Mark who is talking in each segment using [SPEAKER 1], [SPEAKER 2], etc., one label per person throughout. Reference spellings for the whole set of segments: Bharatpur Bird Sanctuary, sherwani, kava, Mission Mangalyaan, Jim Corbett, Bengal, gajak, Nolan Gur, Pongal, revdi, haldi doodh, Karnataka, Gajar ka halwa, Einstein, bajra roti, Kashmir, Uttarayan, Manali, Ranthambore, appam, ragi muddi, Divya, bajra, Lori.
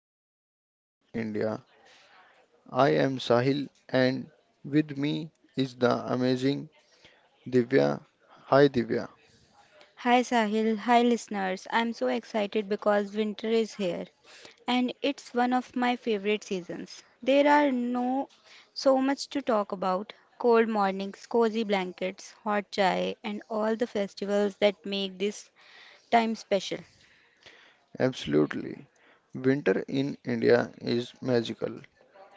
[SPEAKER 1] Winter Vibes in India. I am Sahil and with me is the amazing Divya. Hi Divya.
[SPEAKER 2] Hi Sahil, hi listeners. I'm so excited because winter is here and it's one of my favorite seasons. There are no so much to talk about. Cold mornings, cozy blankets, hot chai and all the festivals that make this time special.
[SPEAKER 1] Absolutely. Winter in India is magical.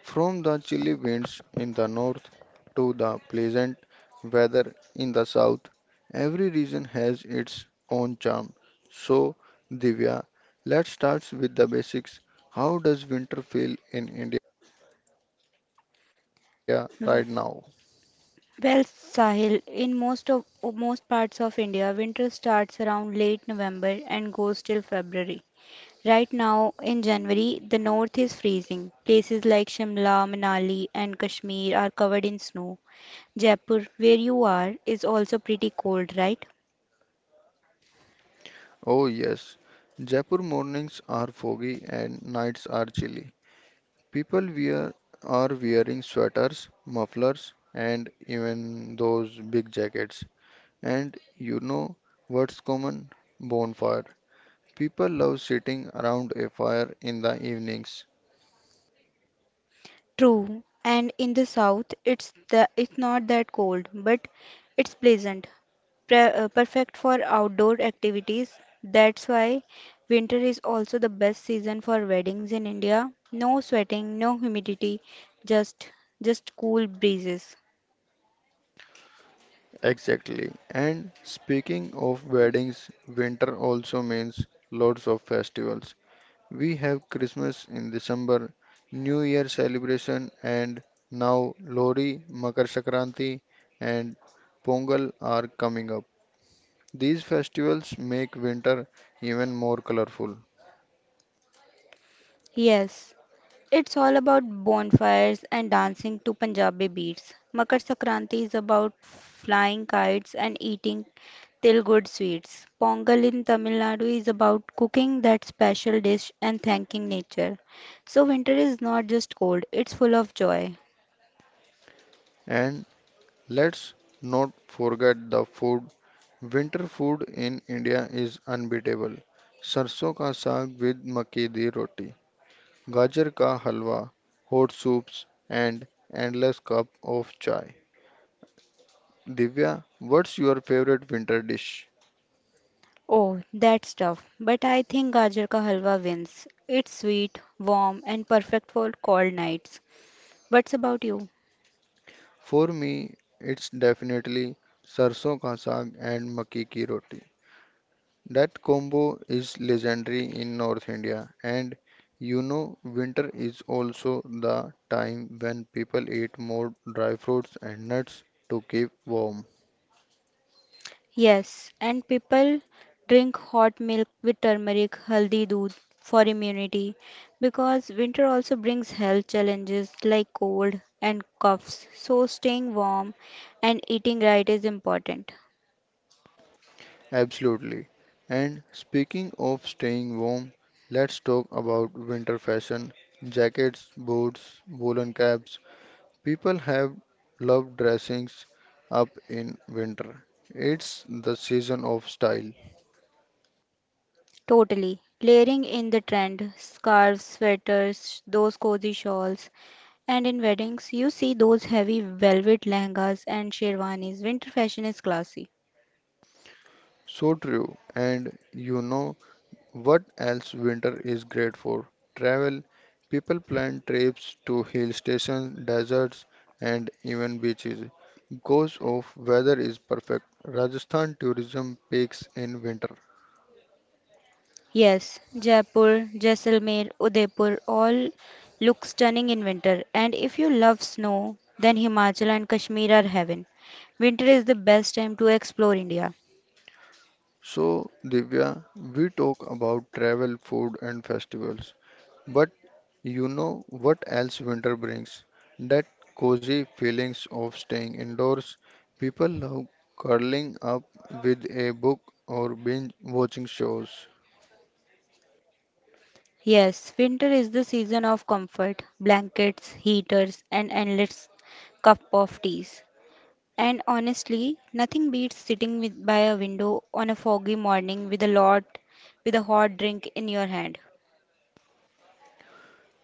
[SPEAKER 1] From the chilly winds in the north to the pleasant weather in the south, every region has its own charm. So, Divya, let's start with the basics. How does winter feel in India right now?
[SPEAKER 2] W- Well, Sahil, in most parts of India, winter starts around late November and goes till February. Right now in January, the north is freezing. Places like Shimla, Manali, and Kashmir are covered in snow. Jaipur, where you are, is also pretty cold, right?
[SPEAKER 1] Oh, yes, Jaipur mornings are foggy and nights are chilly. People wear are wearing sweaters, mufflers, and even those big jackets. And you know what's common? Bonfire. People love sitting around a fire in the evenings.
[SPEAKER 2] True. And in the south, it's not that cold, but it's pleasant, pre perfect for outdoor activities. That's why winter is also the best season for weddings in India. No sweating, no humidity, just just cool breezes.
[SPEAKER 1] Exactly. And speaking of weddings, winter also means lots of festivals. We have Christmas in December, New Year celebration, and now Lori, Makar Sankranti, and Pongal are coming up. These festivals make winter even more colorful.
[SPEAKER 2] Yes, it's all about bonfires and dancing to Punjabi beats. Makar Sankranti is about flying kites and eating till good sweets. Pongal in Tamil Nadu is about cooking that special dish and thanking nature. So winter is not just cold, it's full of joy.
[SPEAKER 1] And let's not forget the food. Winter food in India is unbeatable. सरसों ka saag with makki di roti, gajar ka halwa, hot soups, and endless cup of chai. Divya, what's your favorite winter dish?
[SPEAKER 2] Oh, that's tough. But I think Gajar ka halwa wins. It's sweet, warm and perfect for cold nights. What's about you?
[SPEAKER 1] For me, it's definitely सरसों ka saag and makki ki roti. That combo is legendary in North India, and you know, winter is also the time when people eat more dry fruits and nuts to keep warm.
[SPEAKER 2] Yes, and people drink hot milk with turmeric, haldi doodh for immunity because winter also brings health challenges like cold and coughs. So staying warm and eating right is important.
[SPEAKER 1] Absolutely. And speaking of staying warm, let's talk about winter fashion. Jackets, boots, woolen caps. People have loved dressing up in winter. It's the season of style.
[SPEAKER 2] Totally. Layering in the trend, scarves, sweaters, those cozy shawls. And in weddings, you see those heavy velvet lehengas and sherwanis. Winter fashion is classy.
[SPEAKER 1] So true. And you know, what else winter is great for? Travel. People plan trips to hill stations, deserts, and even beaches. Goes off weather is perfect. Rajasthan tourism peaks in winter.
[SPEAKER 2] Yes, Jaipur, Jaisalmer, Udaipur all look stunning in winter. And if you love snow, then Himachal and Kashmir are heaven. Winter is the best time to explore India.
[SPEAKER 1] So, Divya, we talk about travel, food, and festivals. But you know what else winter brings? That cozy feelings of staying indoors. People love curling up with a book or binge watching shows.
[SPEAKER 2] Yes, winter is the season of comfort, blankets, heaters, and endless cup of teas. And honestly, nothing beats sitting with, by a window on a foggy morning with a hot drink in your hand.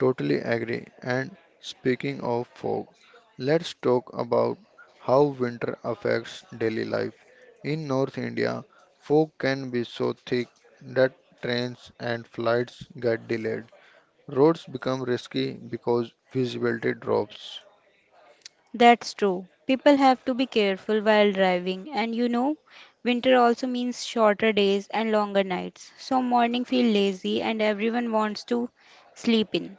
[SPEAKER 1] Totally agree. And speaking of fog, let's talk about how winter affects daily life. In North India, fog can be so thick that trains and flights get delayed. Roads become risky because visibility drops.
[SPEAKER 2] That's true. People have to be careful while driving, and you know, winter also means shorter days and longer nights. So morning feel lazy and everyone wants to sleep in.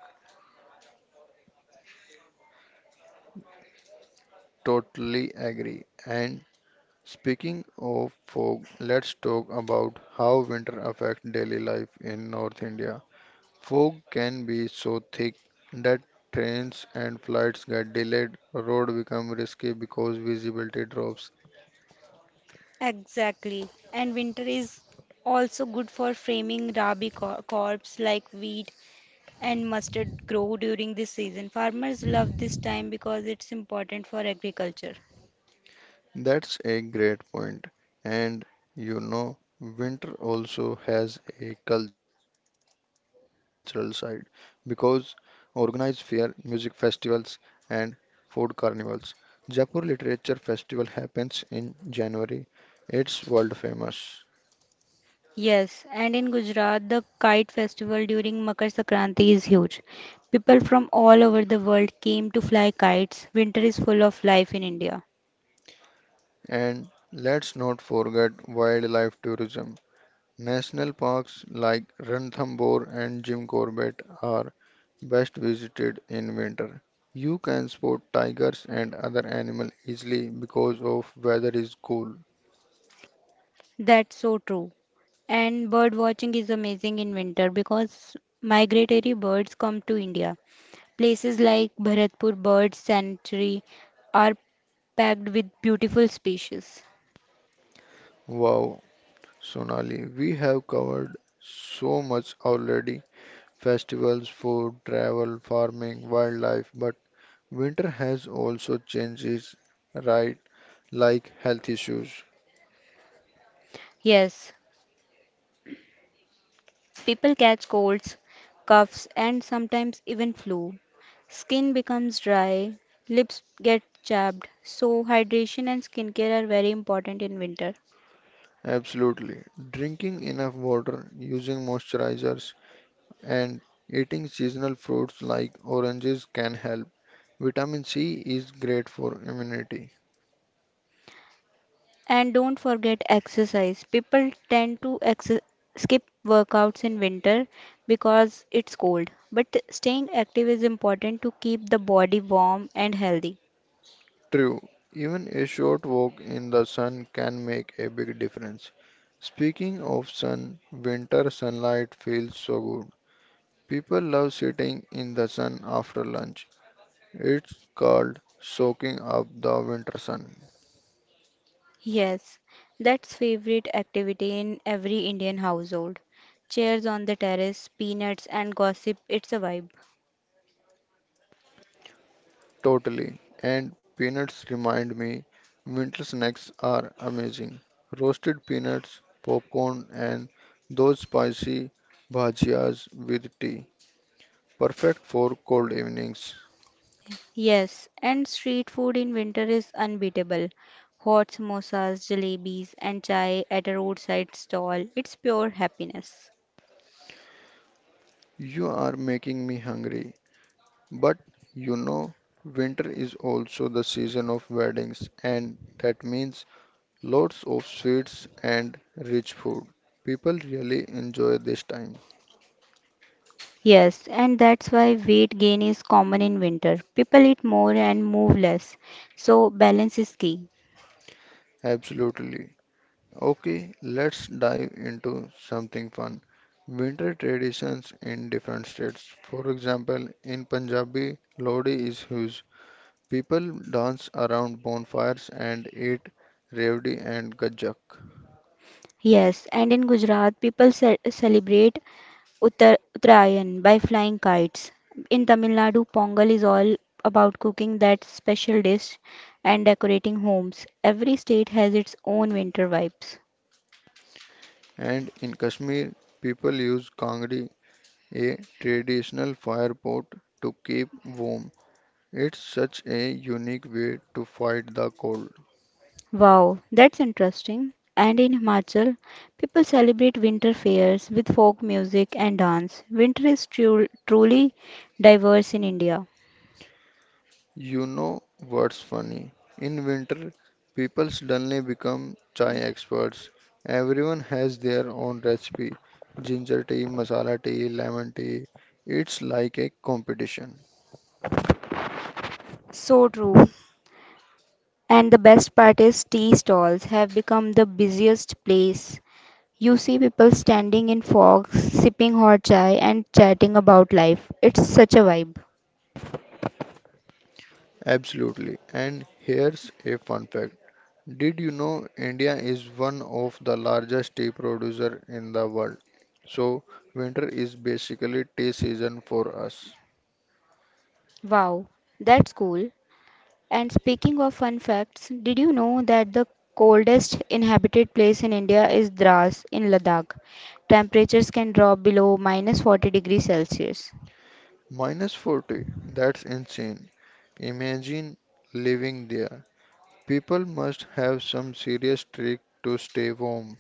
[SPEAKER 1] Totally agree. And speaking of fog, let's talk about how winter affects daily life in North India. Fog can be so thick that trains and flights get delayed, roads become risky because visibility drops.
[SPEAKER 2] Exactly. And winter is also good for framing crops like wheat and mustard grow during this season. Farmers love this time because it's important for agriculture.
[SPEAKER 1] That's a great point. And you know, winter also has a cultural side because organized fair, music festivals, and food carnivals. Jaipur Literature Festival happens in January. It's world famous.
[SPEAKER 2] Yes, and in Gujarat, the kite festival during Makar Sankranti is huge. People from all over the world came to fly kites. Winter is full of life in India.
[SPEAKER 1] And let's not forget wildlife tourism. National parks like Ranthambore and Jim Corbett are best visited in winter. You can spot tigers and other animals easily because of weather is cool.
[SPEAKER 2] That's so true. And bird watching is amazing in winter because migratory birds come to India. Places like Bharatpur Bird Sanctuary are packed with beautiful species.
[SPEAKER 1] Wow, Sonali, we have covered so much already. Festivals, food, travel, farming, wildlife, but winter has also changes, right? Like health issues.
[SPEAKER 2] Yes, people catch colds, coughs, and sometimes even flu. Skin becomes dry, lips get chapped, so hydration and skincare are very important in winter.
[SPEAKER 1] Absolutely. Drinking enough water, using moisturizers, and eating seasonal fruits like oranges can help. Vitamin C is great for immunity.
[SPEAKER 2] And don't forget exercise. People tend to skip workouts in winter because it's cold, but staying active is important to keep the body warm and healthy.
[SPEAKER 1] True, even a short walk in the sun can make a big difference. Speaking of sun, winter sunlight feels so good. People love sitting in the sun after lunch. It's called soaking up the winter sun.
[SPEAKER 2] Yes, that's favorite activity in every Indian household. Chairs on the terrace, peanuts and gossip, it's a vibe.
[SPEAKER 1] Totally. And peanuts remind me winter snacks are amazing. Roasted peanuts, popcorn, and those spicy bhajias with tea. Perfect for cold evenings.
[SPEAKER 2] Yes, and street food in winter is unbeatable. Hot samosas, jalebis and chai at a roadside stall, it's pure happiness.
[SPEAKER 1] You are making me hungry. But you know, winter is also the season of weddings, and that means lots of sweets and rich food. People really enjoy this time.
[SPEAKER 2] Yes, and that's why weight gain is common in winter. People eat more and move less, so balance is key.
[SPEAKER 1] Absolutely. Okay, let's dive into something fun. Winter traditions in different states. For example, in Punjabi, Lodi is huge. People dance around bonfires and eat revdi and gajak.
[SPEAKER 2] Yes, and in Gujarat, people celebrate Uttarayan by flying kites. In Tamil Nadu, Pongal is all about cooking that special dish and decorating homes. Every state has its own winter vibes.
[SPEAKER 1] And in Kashmir, people use kangdi, a traditional fire pot, to keep warm. It's such a unique way to fight the cold.
[SPEAKER 2] Wow, that's interesting. And in Himachal, people celebrate winter fairs with folk music and dance. Winter is truly diverse in India.
[SPEAKER 1] You know what's funny? In winter, people suddenly become chai experts. Everyone has their own recipe ginger tea, masala tea, lemon tea. It's like a competition.
[SPEAKER 2] So true. And the best part is tea stalls have become the busiest place. You see people standing in fog, sipping hot chai, and chatting about life. It's such a vibe.
[SPEAKER 1] Absolutely. And here's a fun fact. Did you know India is one of the largest tea producer in the world? So winter is basically tea season for us.
[SPEAKER 2] Wow, that's cool. And speaking of fun facts, did you know that the coldest inhabited place in India is Dras in Ladakh? Temperatures can drop below minus 40 degrees Celsius.
[SPEAKER 1] Minus 40, that's insane. Imagine living there. People must have some serious trick to stay warm.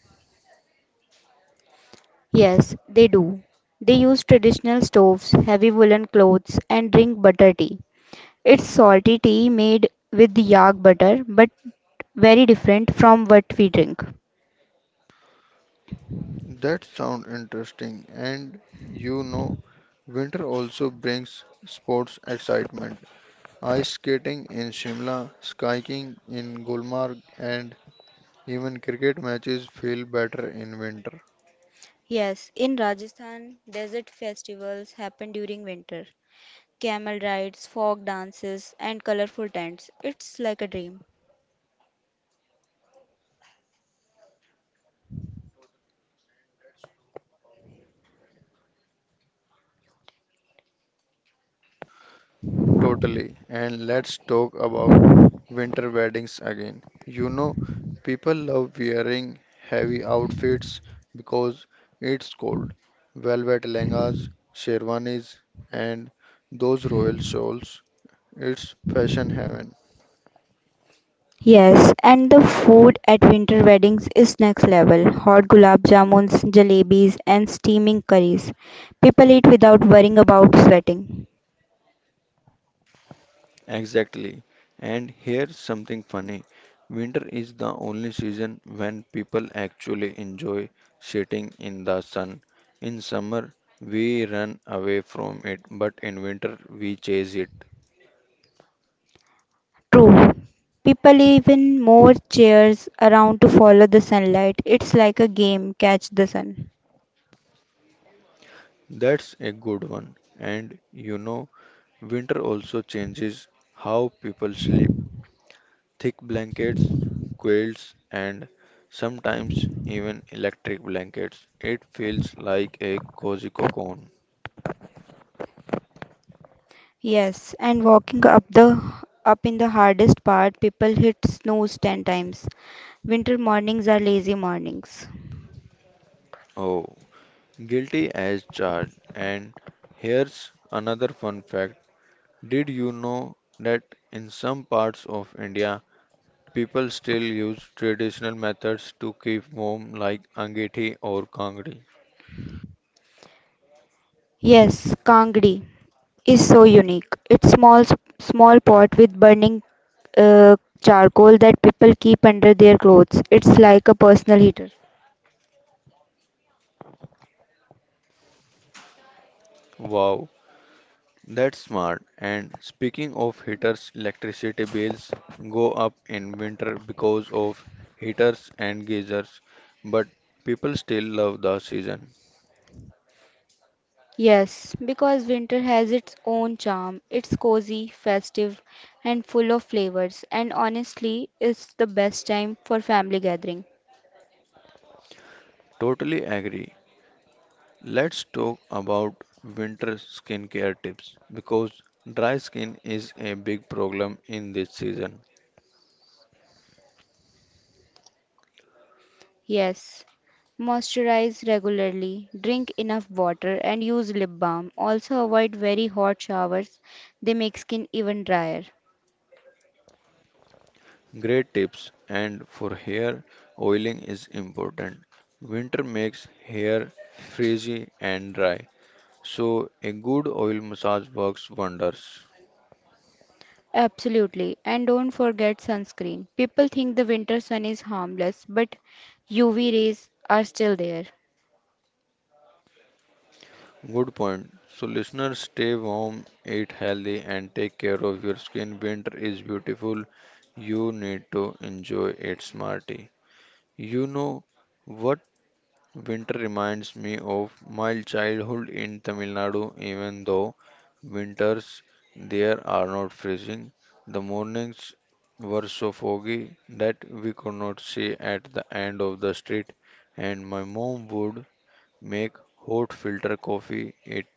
[SPEAKER 2] Yes, they do. They use traditional stoves, heavy woolen clothes, and drink butter tea. It's salty tea made with yak butter, but very different from what we drink.
[SPEAKER 1] That sounds interesting, and you know, winter also brings sports excitement. Ice skating in Shimla, skiing in Gulmarg, and even cricket matches feel better in winter.
[SPEAKER 2] Yes, in Rajasthan, desert festivals happen during winter. Camel rides, folk dances, and colorful tents. It's like a dream.
[SPEAKER 1] Totally. And let's talk about winter weddings again. You know, people love wearing heavy outfits because it's cold. Velvet lehengas, sherwanis, and those royal shawls. It's fashion heaven.
[SPEAKER 2] Yes, and the food at winter weddings is next level. Hot gulab jamuns, jalebis, and steaming curries. People eat without worrying about sweating.
[SPEAKER 1] Exactly. And here's something funny. Winter is the only season when people actually enjoy sitting in the sun. In summer, we run away from it, but in winter, we chase it.
[SPEAKER 2] True. People even move chairs around to follow the sunlight. It's like a game, catch the sun.
[SPEAKER 1] That's a good one. And you know, winter also changes how people sleep. Thick blankets, quilts, and sometimes even electric blankets. It feels like a cozy cocoon.
[SPEAKER 2] Yes, and walking up in the hardest part, people hit snooze ten times. Winter mornings are lazy mornings.
[SPEAKER 1] Oh, guilty as charged. And here's another fun fact. Did you know that in some parts of India, people still use traditional methods to keep warm like angethi or kangri?
[SPEAKER 2] Yes, Kangri is so unique. It's small pot with burning uh, charcoal that people keep under their clothes. It's like a personal heater.
[SPEAKER 1] Wow, that's smart. And speaking of heaters, electricity bills go up in winter because of heaters and geysers, but people still love the season.
[SPEAKER 2] Yes, because winter has its own charm. It's cozy, festive, and full of flavors. And honestly, it's the best time for family gathering.
[SPEAKER 1] Totally agree. Let's talk about winter skincare tips because dry skin is a big problem in this season.
[SPEAKER 2] Yes. Moisturize regularly, drink enough water, and use lip balm. Also, avoid very hot showers, they make skin even drier.
[SPEAKER 1] Great tips, and for hair oiling is important. Winter makes hair frizzy and dry, so a good oil massage works wonders.
[SPEAKER 2] Absolutely. And don't forget sunscreen. People think the winter sun is harmless, but UV rays are still there.
[SPEAKER 1] Good point. So listeners stay warm, eat healthy and take care of your skin. Winter is beautiful. You need to enjoy it smarty. You know what, winter reminds me of my childhood in Tamil Nadu, even though winters there are not freezing. The mornings were so foggy that we could not see at the end of the street, and my mom would make hot filter coffee. It,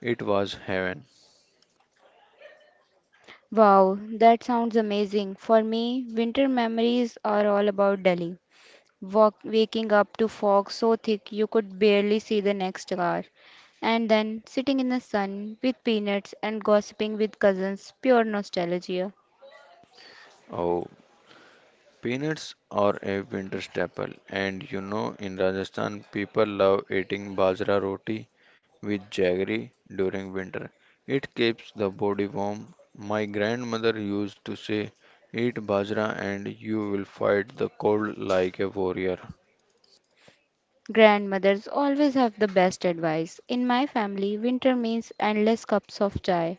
[SPEAKER 1] it was heaven.
[SPEAKER 2] Wow, that sounds amazing. For me, winter memories are all about Delhi. Waking up to fog so thick you could barely see the next car, and then sitting in the sun with peanuts and gossiping with cousins, pure nostalgia.
[SPEAKER 1] Oh. Peanuts are a winter staple, and you know in Rajasthan people love eating bajra roti with jaggery during winter. It keeps the body warm. My grandmother used to say, "Eat bajra and you will fight the cold like a warrior."
[SPEAKER 2] Grandmothers always have the best advice. In my family, winter means endless cups of chai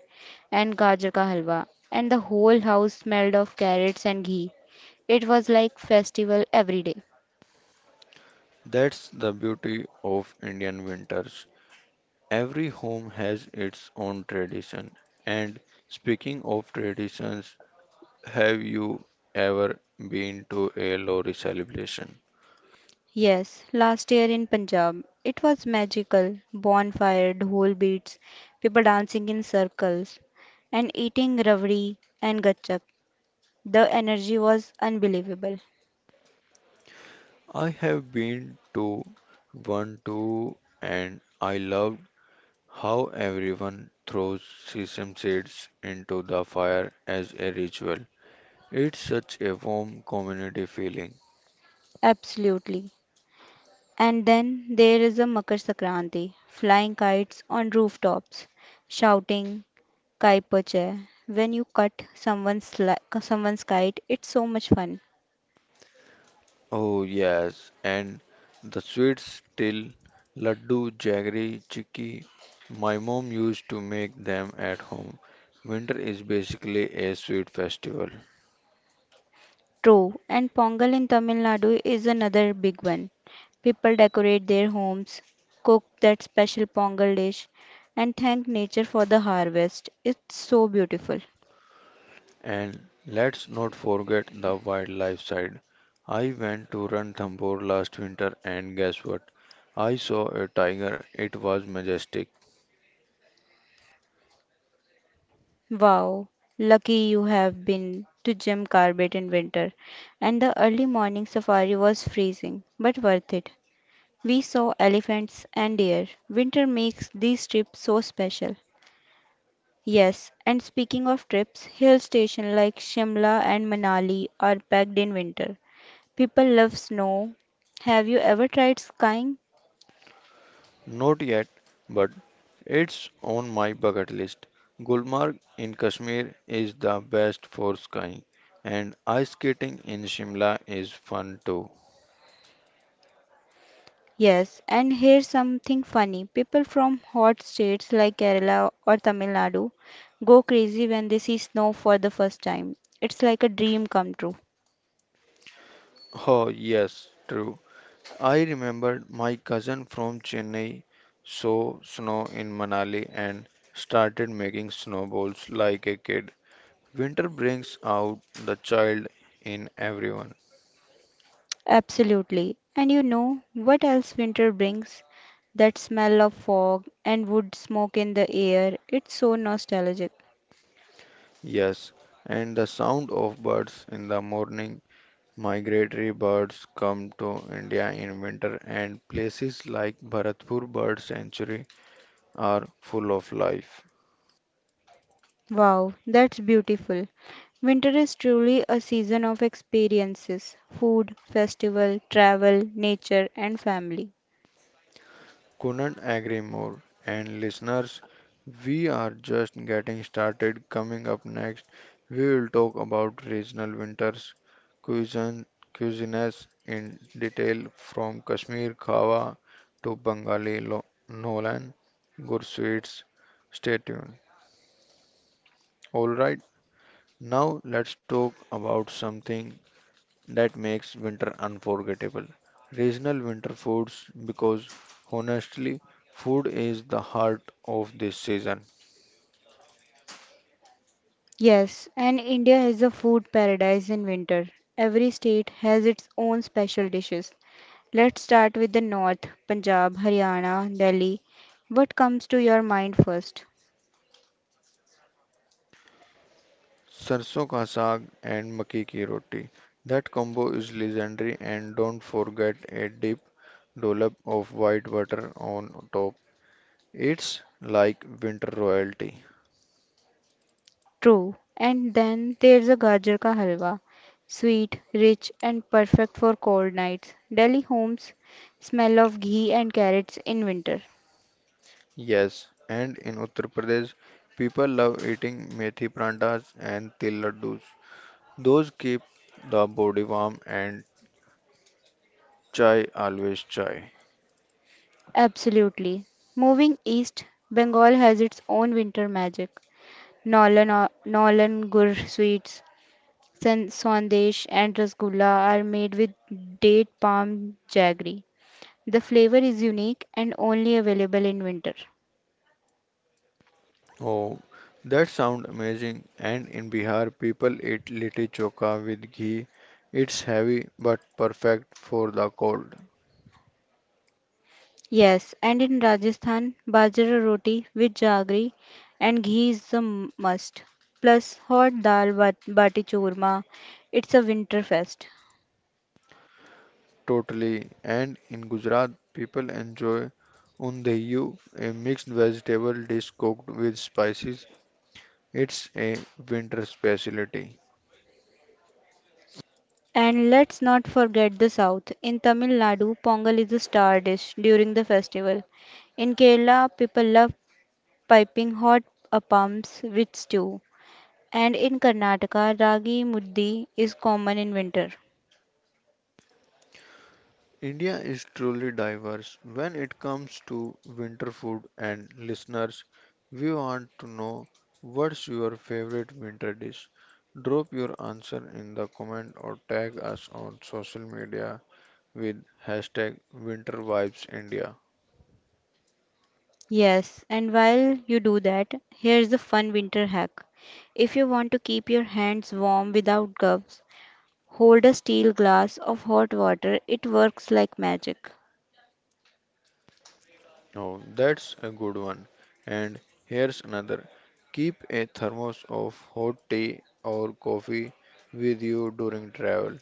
[SPEAKER 2] and gajar ka halwa, and the whole house smelled of carrots and ghee. It was like festival every day.
[SPEAKER 1] That's the beauty of Indian winters. Every home has its own tradition. And speaking of traditions, have you ever been to a lorry celebration?
[SPEAKER 2] Yes, last year in Punjab, it was magical. Bonfire, dhol beats, people dancing in circles, and eating rabdi and gachak. The energy was unbelievable.
[SPEAKER 1] I have been to one too, and I loved how everyone throws sesame seeds into the fire as a ritual. It's such a warm community feeling.
[SPEAKER 2] Absolutely. And then there is a Makar Sankranti, flying kites on rooftops, shouting kai poche. When you cut someone's kite, it's so much fun.
[SPEAKER 1] Oh, yes, and the sweets still laddu, jaggery, chicky. My mom used to make them at home. Winter is basically a sweet festival.
[SPEAKER 2] True, and Pongal in Tamil Nadu is another big one. People decorate their homes, cook that special Pongal dish, and thank nature for the harvest. It's so beautiful.
[SPEAKER 1] And let's not forget the wildlife side. I went to Ranthambore last winter and guess what? I saw a tiger. It was majestic.
[SPEAKER 2] Wow, lucky you. Have been to Jim Corbett in winter. And the early morning safari was freezing, but worth it. We saw elephants and deer. Winter makes these trips so special. Yes, and speaking of trips, hill stations like Shimla and Manali are packed in winter. People love snow. Have you ever tried skiing?
[SPEAKER 1] Not yet, but it's on my bucket list. Gulmarg in Kashmir is the best for skiing, and ice skating in Shimla is fun too.
[SPEAKER 2] Yes, and here's something funny. People from hot states like Kerala or Tamil Nadu go crazy when they see snow for the first time. It's like a dream come true.
[SPEAKER 1] Oh, yes, true. I remembered my cousin from Chennai saw snow in Manali and started making snowballs like a kid. Winter brings out the child in everyone.
[SPEAKER 2] Absolutely. And you know what else winter brings? That smell of fog and wood smoke in the air. It's so nostalgic.
[SPEAKER 1] Yes, and the sound of birds in the morning. Migratory birds come to India in winter, and places like Bharatpur Bird Sanctuary are full of life.
[SPEAKER 2] Wow, that's beautiful. Winter is truly a season of experiences, food, festival, travel, nature, and family.
[SPEAKER 1] Couldn't agree more. And listeners, we are just getting started. Coming up next, we will talk about regional winters, cuisine, cuisines in detail from Kashmir Khawa to Bengali Nolan, good sweets. Stay tuned. Alright, now let's talk about something that makes winter unforgettable. Regional winter foods because honestly, food is the heart of this season.
[SPEAKER 2] Yes, and India is a food paradise in winter. Every state has its own special dishes. Let's start with the north, Punjab, Haryana, Delhi. What comes to your mind first?
[SPEAKER 1] Sarson ka saag and makki ki roti. That combo is legendary and don't forget a deep dollop of white butter on top. It's like winter royalty.
[SPEAKER 2] True. And then there's a gajar ka halwa. Sweet, rich, and perfect for cold nights. Delhi homes smell of ghee and carrots in winter.
[SPEAKER 1] Yes, and in Uttar Pradesh, people love eating methi prantas and til laddus. Those keep the body warm and chai, always chai.
[SPEAKER 2] Absolutely. Moving east, Bengal has its own winter magic. Nolan Gur sweets, Sandesh, and Rasgulla are made with date palm jaggery. The flavor is unique and only available in winter.
[SPEAKER 1] Oh, that sound amazing. And in Bihar, people eat litti choka with ghee. It's heavy but perfect for the cold.
[SPEAKER 2] Yes, and in Rajasthan, bajra roti with jaggery and ghee is a must. Plus hot dal bat bati churma. It's a winter fest.
[SPEAKER 1] Totally. And in Gujarat, people enjoy undayu, a mixed vegetable dish cooked with spices. It's a winter specialty.
[SPEAKER 2] And let's not forget the south. In Tamil Nadu, pongal is a star dish during the festival. In Kerala, people love piping hot appams with stew. And in Karnataka, ragi muddi is common in winter.
[SPEAKER 1] India is truly diverse when it comes to winter food and listeners, we want to know what's your favorite winter dish. Drop your answer in the comment or tag us on social media with hashtag winter vibes India.
[SPEAKER 2] Yes, and while you do that, here's a fun winter hack. If you want to keep your hands warm without gloves, hold a steel glass of hot water. It works like magic.
[SPEAKER 1] Oh, that's a good one. And here's another. Keep a thermos of hot tea or coffee with you during travel.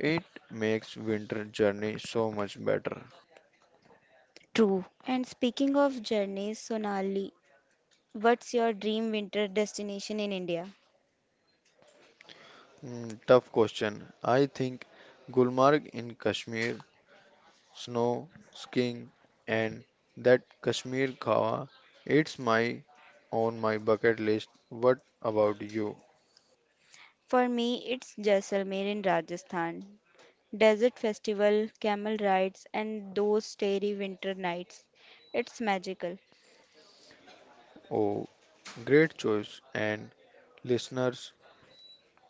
[SPEAKER 1] It makes winter journey so much better.
[SPEAKER 2] True. And speaking of journeys, Sonali, what's your dream winter destination in India?
[SPEAKER 1] Mm, tough question. I think Gulmarg in Kashmir, snow, skiing, and that Kashmir Kawa, it's my on my bucket list. What about you?
[SPEAKER 2] For me, it's Jaisalmer in Rajasthan. Desert festival, camel rides, and those starry winter nights. It's magical.
[SPEAKER 1] Oh, great choice. And listeners,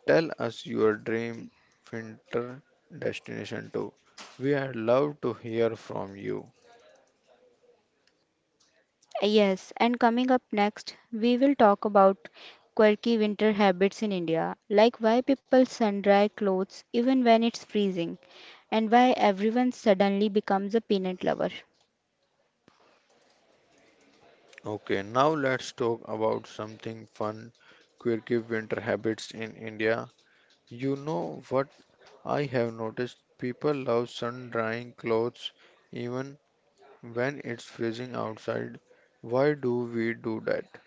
[SPEAKER 1] tell us your dream winter destination too. We would love to hear from you.
[SPEAKER 2] Yes, and coming up next, we will talk about quirky winter habits in India, like why people sun dry clothes even when it's freezing, and why everyone suddenly becomes a peanut lover.
[SPEAKER 1] Okay, now let's talk about something fun, quirky winter habits in India. You know what? I have noticed people love sun drying clothes even when it's freezing outside. Why do we do that?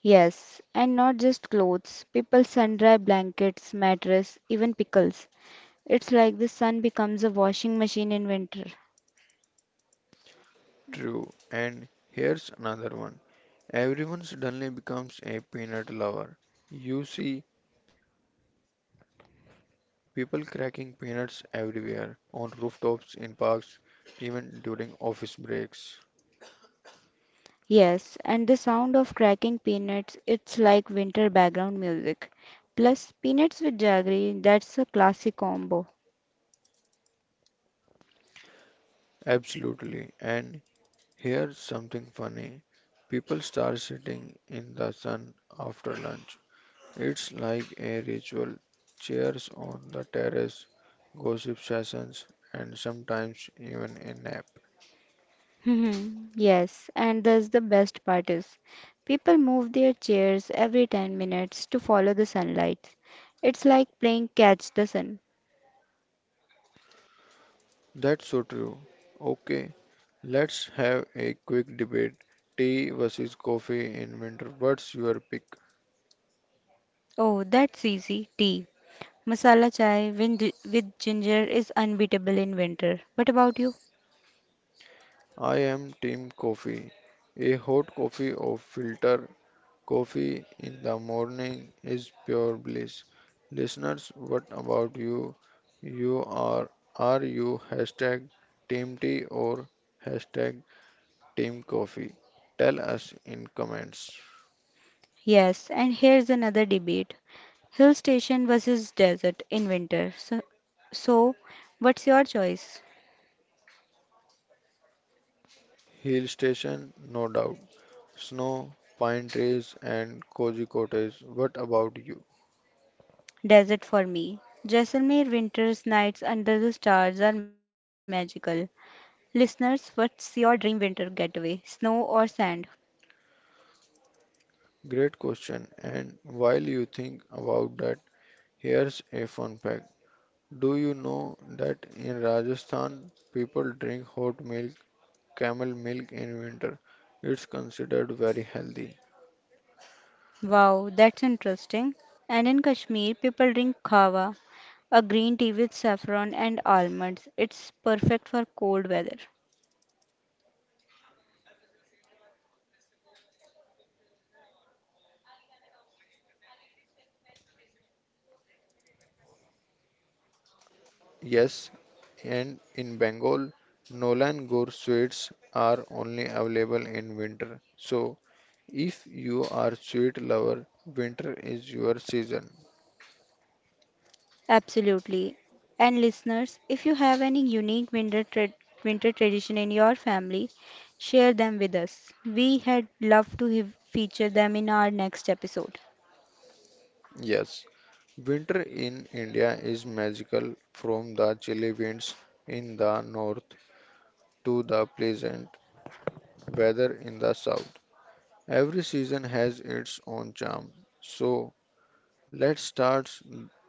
[SPEAKER 2] Yes, and not just clothes, people sun dry blankets, mattress, even pickles. It's like the sun becomes a washing machine in winter.
[SPEAKER 1] True. And here's another one. Everyone suddenly becomes a peanut lover. You see people cracking peanuts everywhere, on rooftops, in parks, even during office breaks.
[SPEAKER 2] Yes, and the sound of cracking peanuts, it's like winter background music. Plus, peanuts with jaggery, that's a classic combo.
[SPEAKER 1] Absolutely. And here's something funny. People start sitting in the sun after lunch. It's like a ritual. Chairs on the terrace, gossip sessions, and sometimes even a nap.
[SPEAKER 2] Mhm. Yes, and that's the best part is people move their chairs every 10 minutes to follow the sunlight. It's like playing catch the sun.
[SPEAKER 1] That's so true. Okay, let's have a quick debate. Tea versus coffee in winter. What's your pick?
[SPEAKER 2] Oh, that's easy. Tea. Masala chai with ginger is unbeatable in winter. What about you?
[SPEAKER 1] I am team coffee. A hot coffee or filter coffee in the morning is pure bliss. Listeners, what about you? You are are you hashtag team tea or hashtag team coffee? Tell us in comments.
[SPEAKER 2] Yes, and here's another debate. Hill station versus desert in winter. So, what's your choice?
[SPEAKER 1] Hill station, no doubt. Snow, pine trees and cozy cottage. What about you?
[SPEAKER 2] Desert for me. Jaisalmer winter's nights under the stars are magical. Listeners, what's your dream winter getaway? Snow or sand?
[SPEAKER 1] Great question. And while you think about that, here's a fun fact. Do you know that in Rajasthan people drink hot milk, camel milk in winter. It's considered very healthy.
[SPEAKER 2] Wow, that's interesting. And in Kashmir, people drink kava, a green tea with saffron and almonds. It's perfect for cold weather.
[SPEAKER 1] Yes, and in Bengal, Nolan Gore sweets are only available in winter. So, if you are sweet lover, winter is your season.
[SPEAKER 2] Absolutely. And listeners, if you have any unique winter tradition in your family, share them with us. We had love to feature them in our next episode.
[SPEAKER 1] Yes, winter in India is magical from the chilly winds in the north to the pleasant weather in the south. Every season has its own charm. So, let's start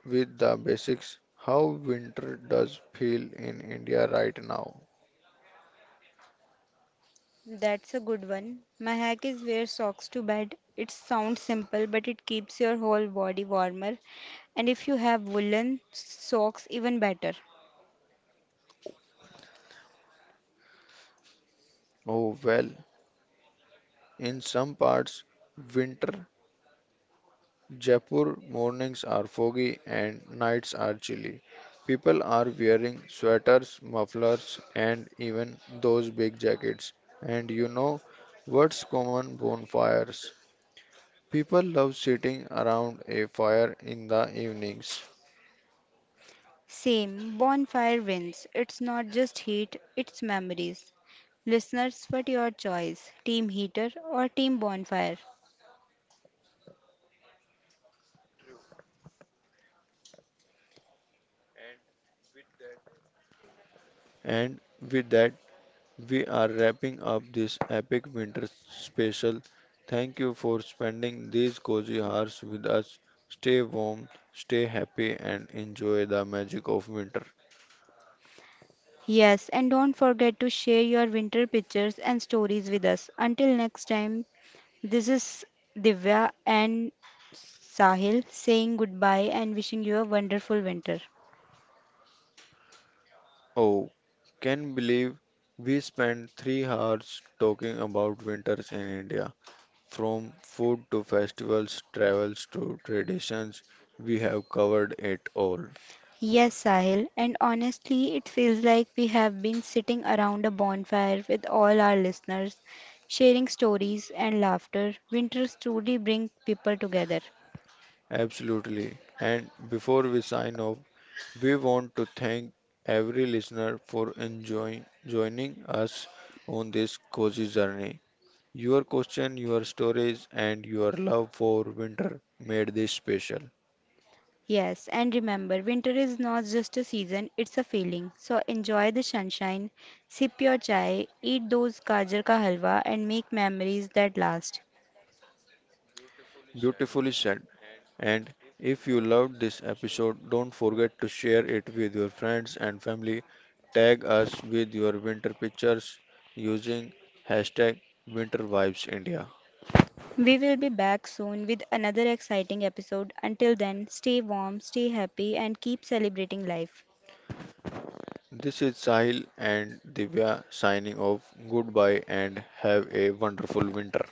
[SPEAKER 1] with the basics. How winter does feel in India right now?
[SPEAKER 2] That's a good one. My hack is wear socks to bed. It sounds simple, but it keeps your whole body warmer. And if you have woolen socks, even better.
[SPEAKER 1] Oh well, in some parts winter Jaipur mornings are foggy and nights are chilly. People are wearing sweaters, mufflers and even those big jackets. And you know what's common, bonfires? People love sitting around a fire in the evenings.
[SPEAKER 2] Same, bonfire wins. It's not just heat, it's memories. Listeners, what your choice? Team heater or team bonfire?
[SPEAKER 1] And with that we are wrapping up this epic winter special. Thank you for spending these cozy hours with us. Stay warm, stay happy, and enjoy the magic of winter.
[SPEAKER 2] Yes, and don't forget to share your winter pictures and stories with us. Until next time, this is Divya and Sahil saying goodbye and wishing you a wonderful winter.
[SPEAKER 1] Oh, can believe we spent 3 hours talking about winters in India. From food to festivals, travels to traditions, we have covered it all.
[SPEAKER 2] Yes, Sahil, and honestly, it feels like we have been sitting around a bonfire with all our listeners, sharing stories and laughter. Winters truly bring people together.
[SPEAKER 1] Absolutely. And before we sign off, we want to thank every listener for enjoying joining us on this cozy journey. Your question, your stories, and your love for winter made this special.
[SPEAKER 2] Yes, and remember, winter is not just a season, it's a feeling. So enjoy the sunshine, sip your chai, eat those gajar ka halwa, and make memories that last.
[SPEAKER 1] Beautifully said. And if you loved this episode, don't forget to share it with your friends and family. Tag us with your winter pictures using hashtag winter vibes india.
[SPEAKER 2] We will be back soon with another exciting episode. Until then, stay warm, stay happy, and keep celebrating life.
[SPEAKER 1] This is Sahil and Divya signing off. Goodbye and have a wonderful winter.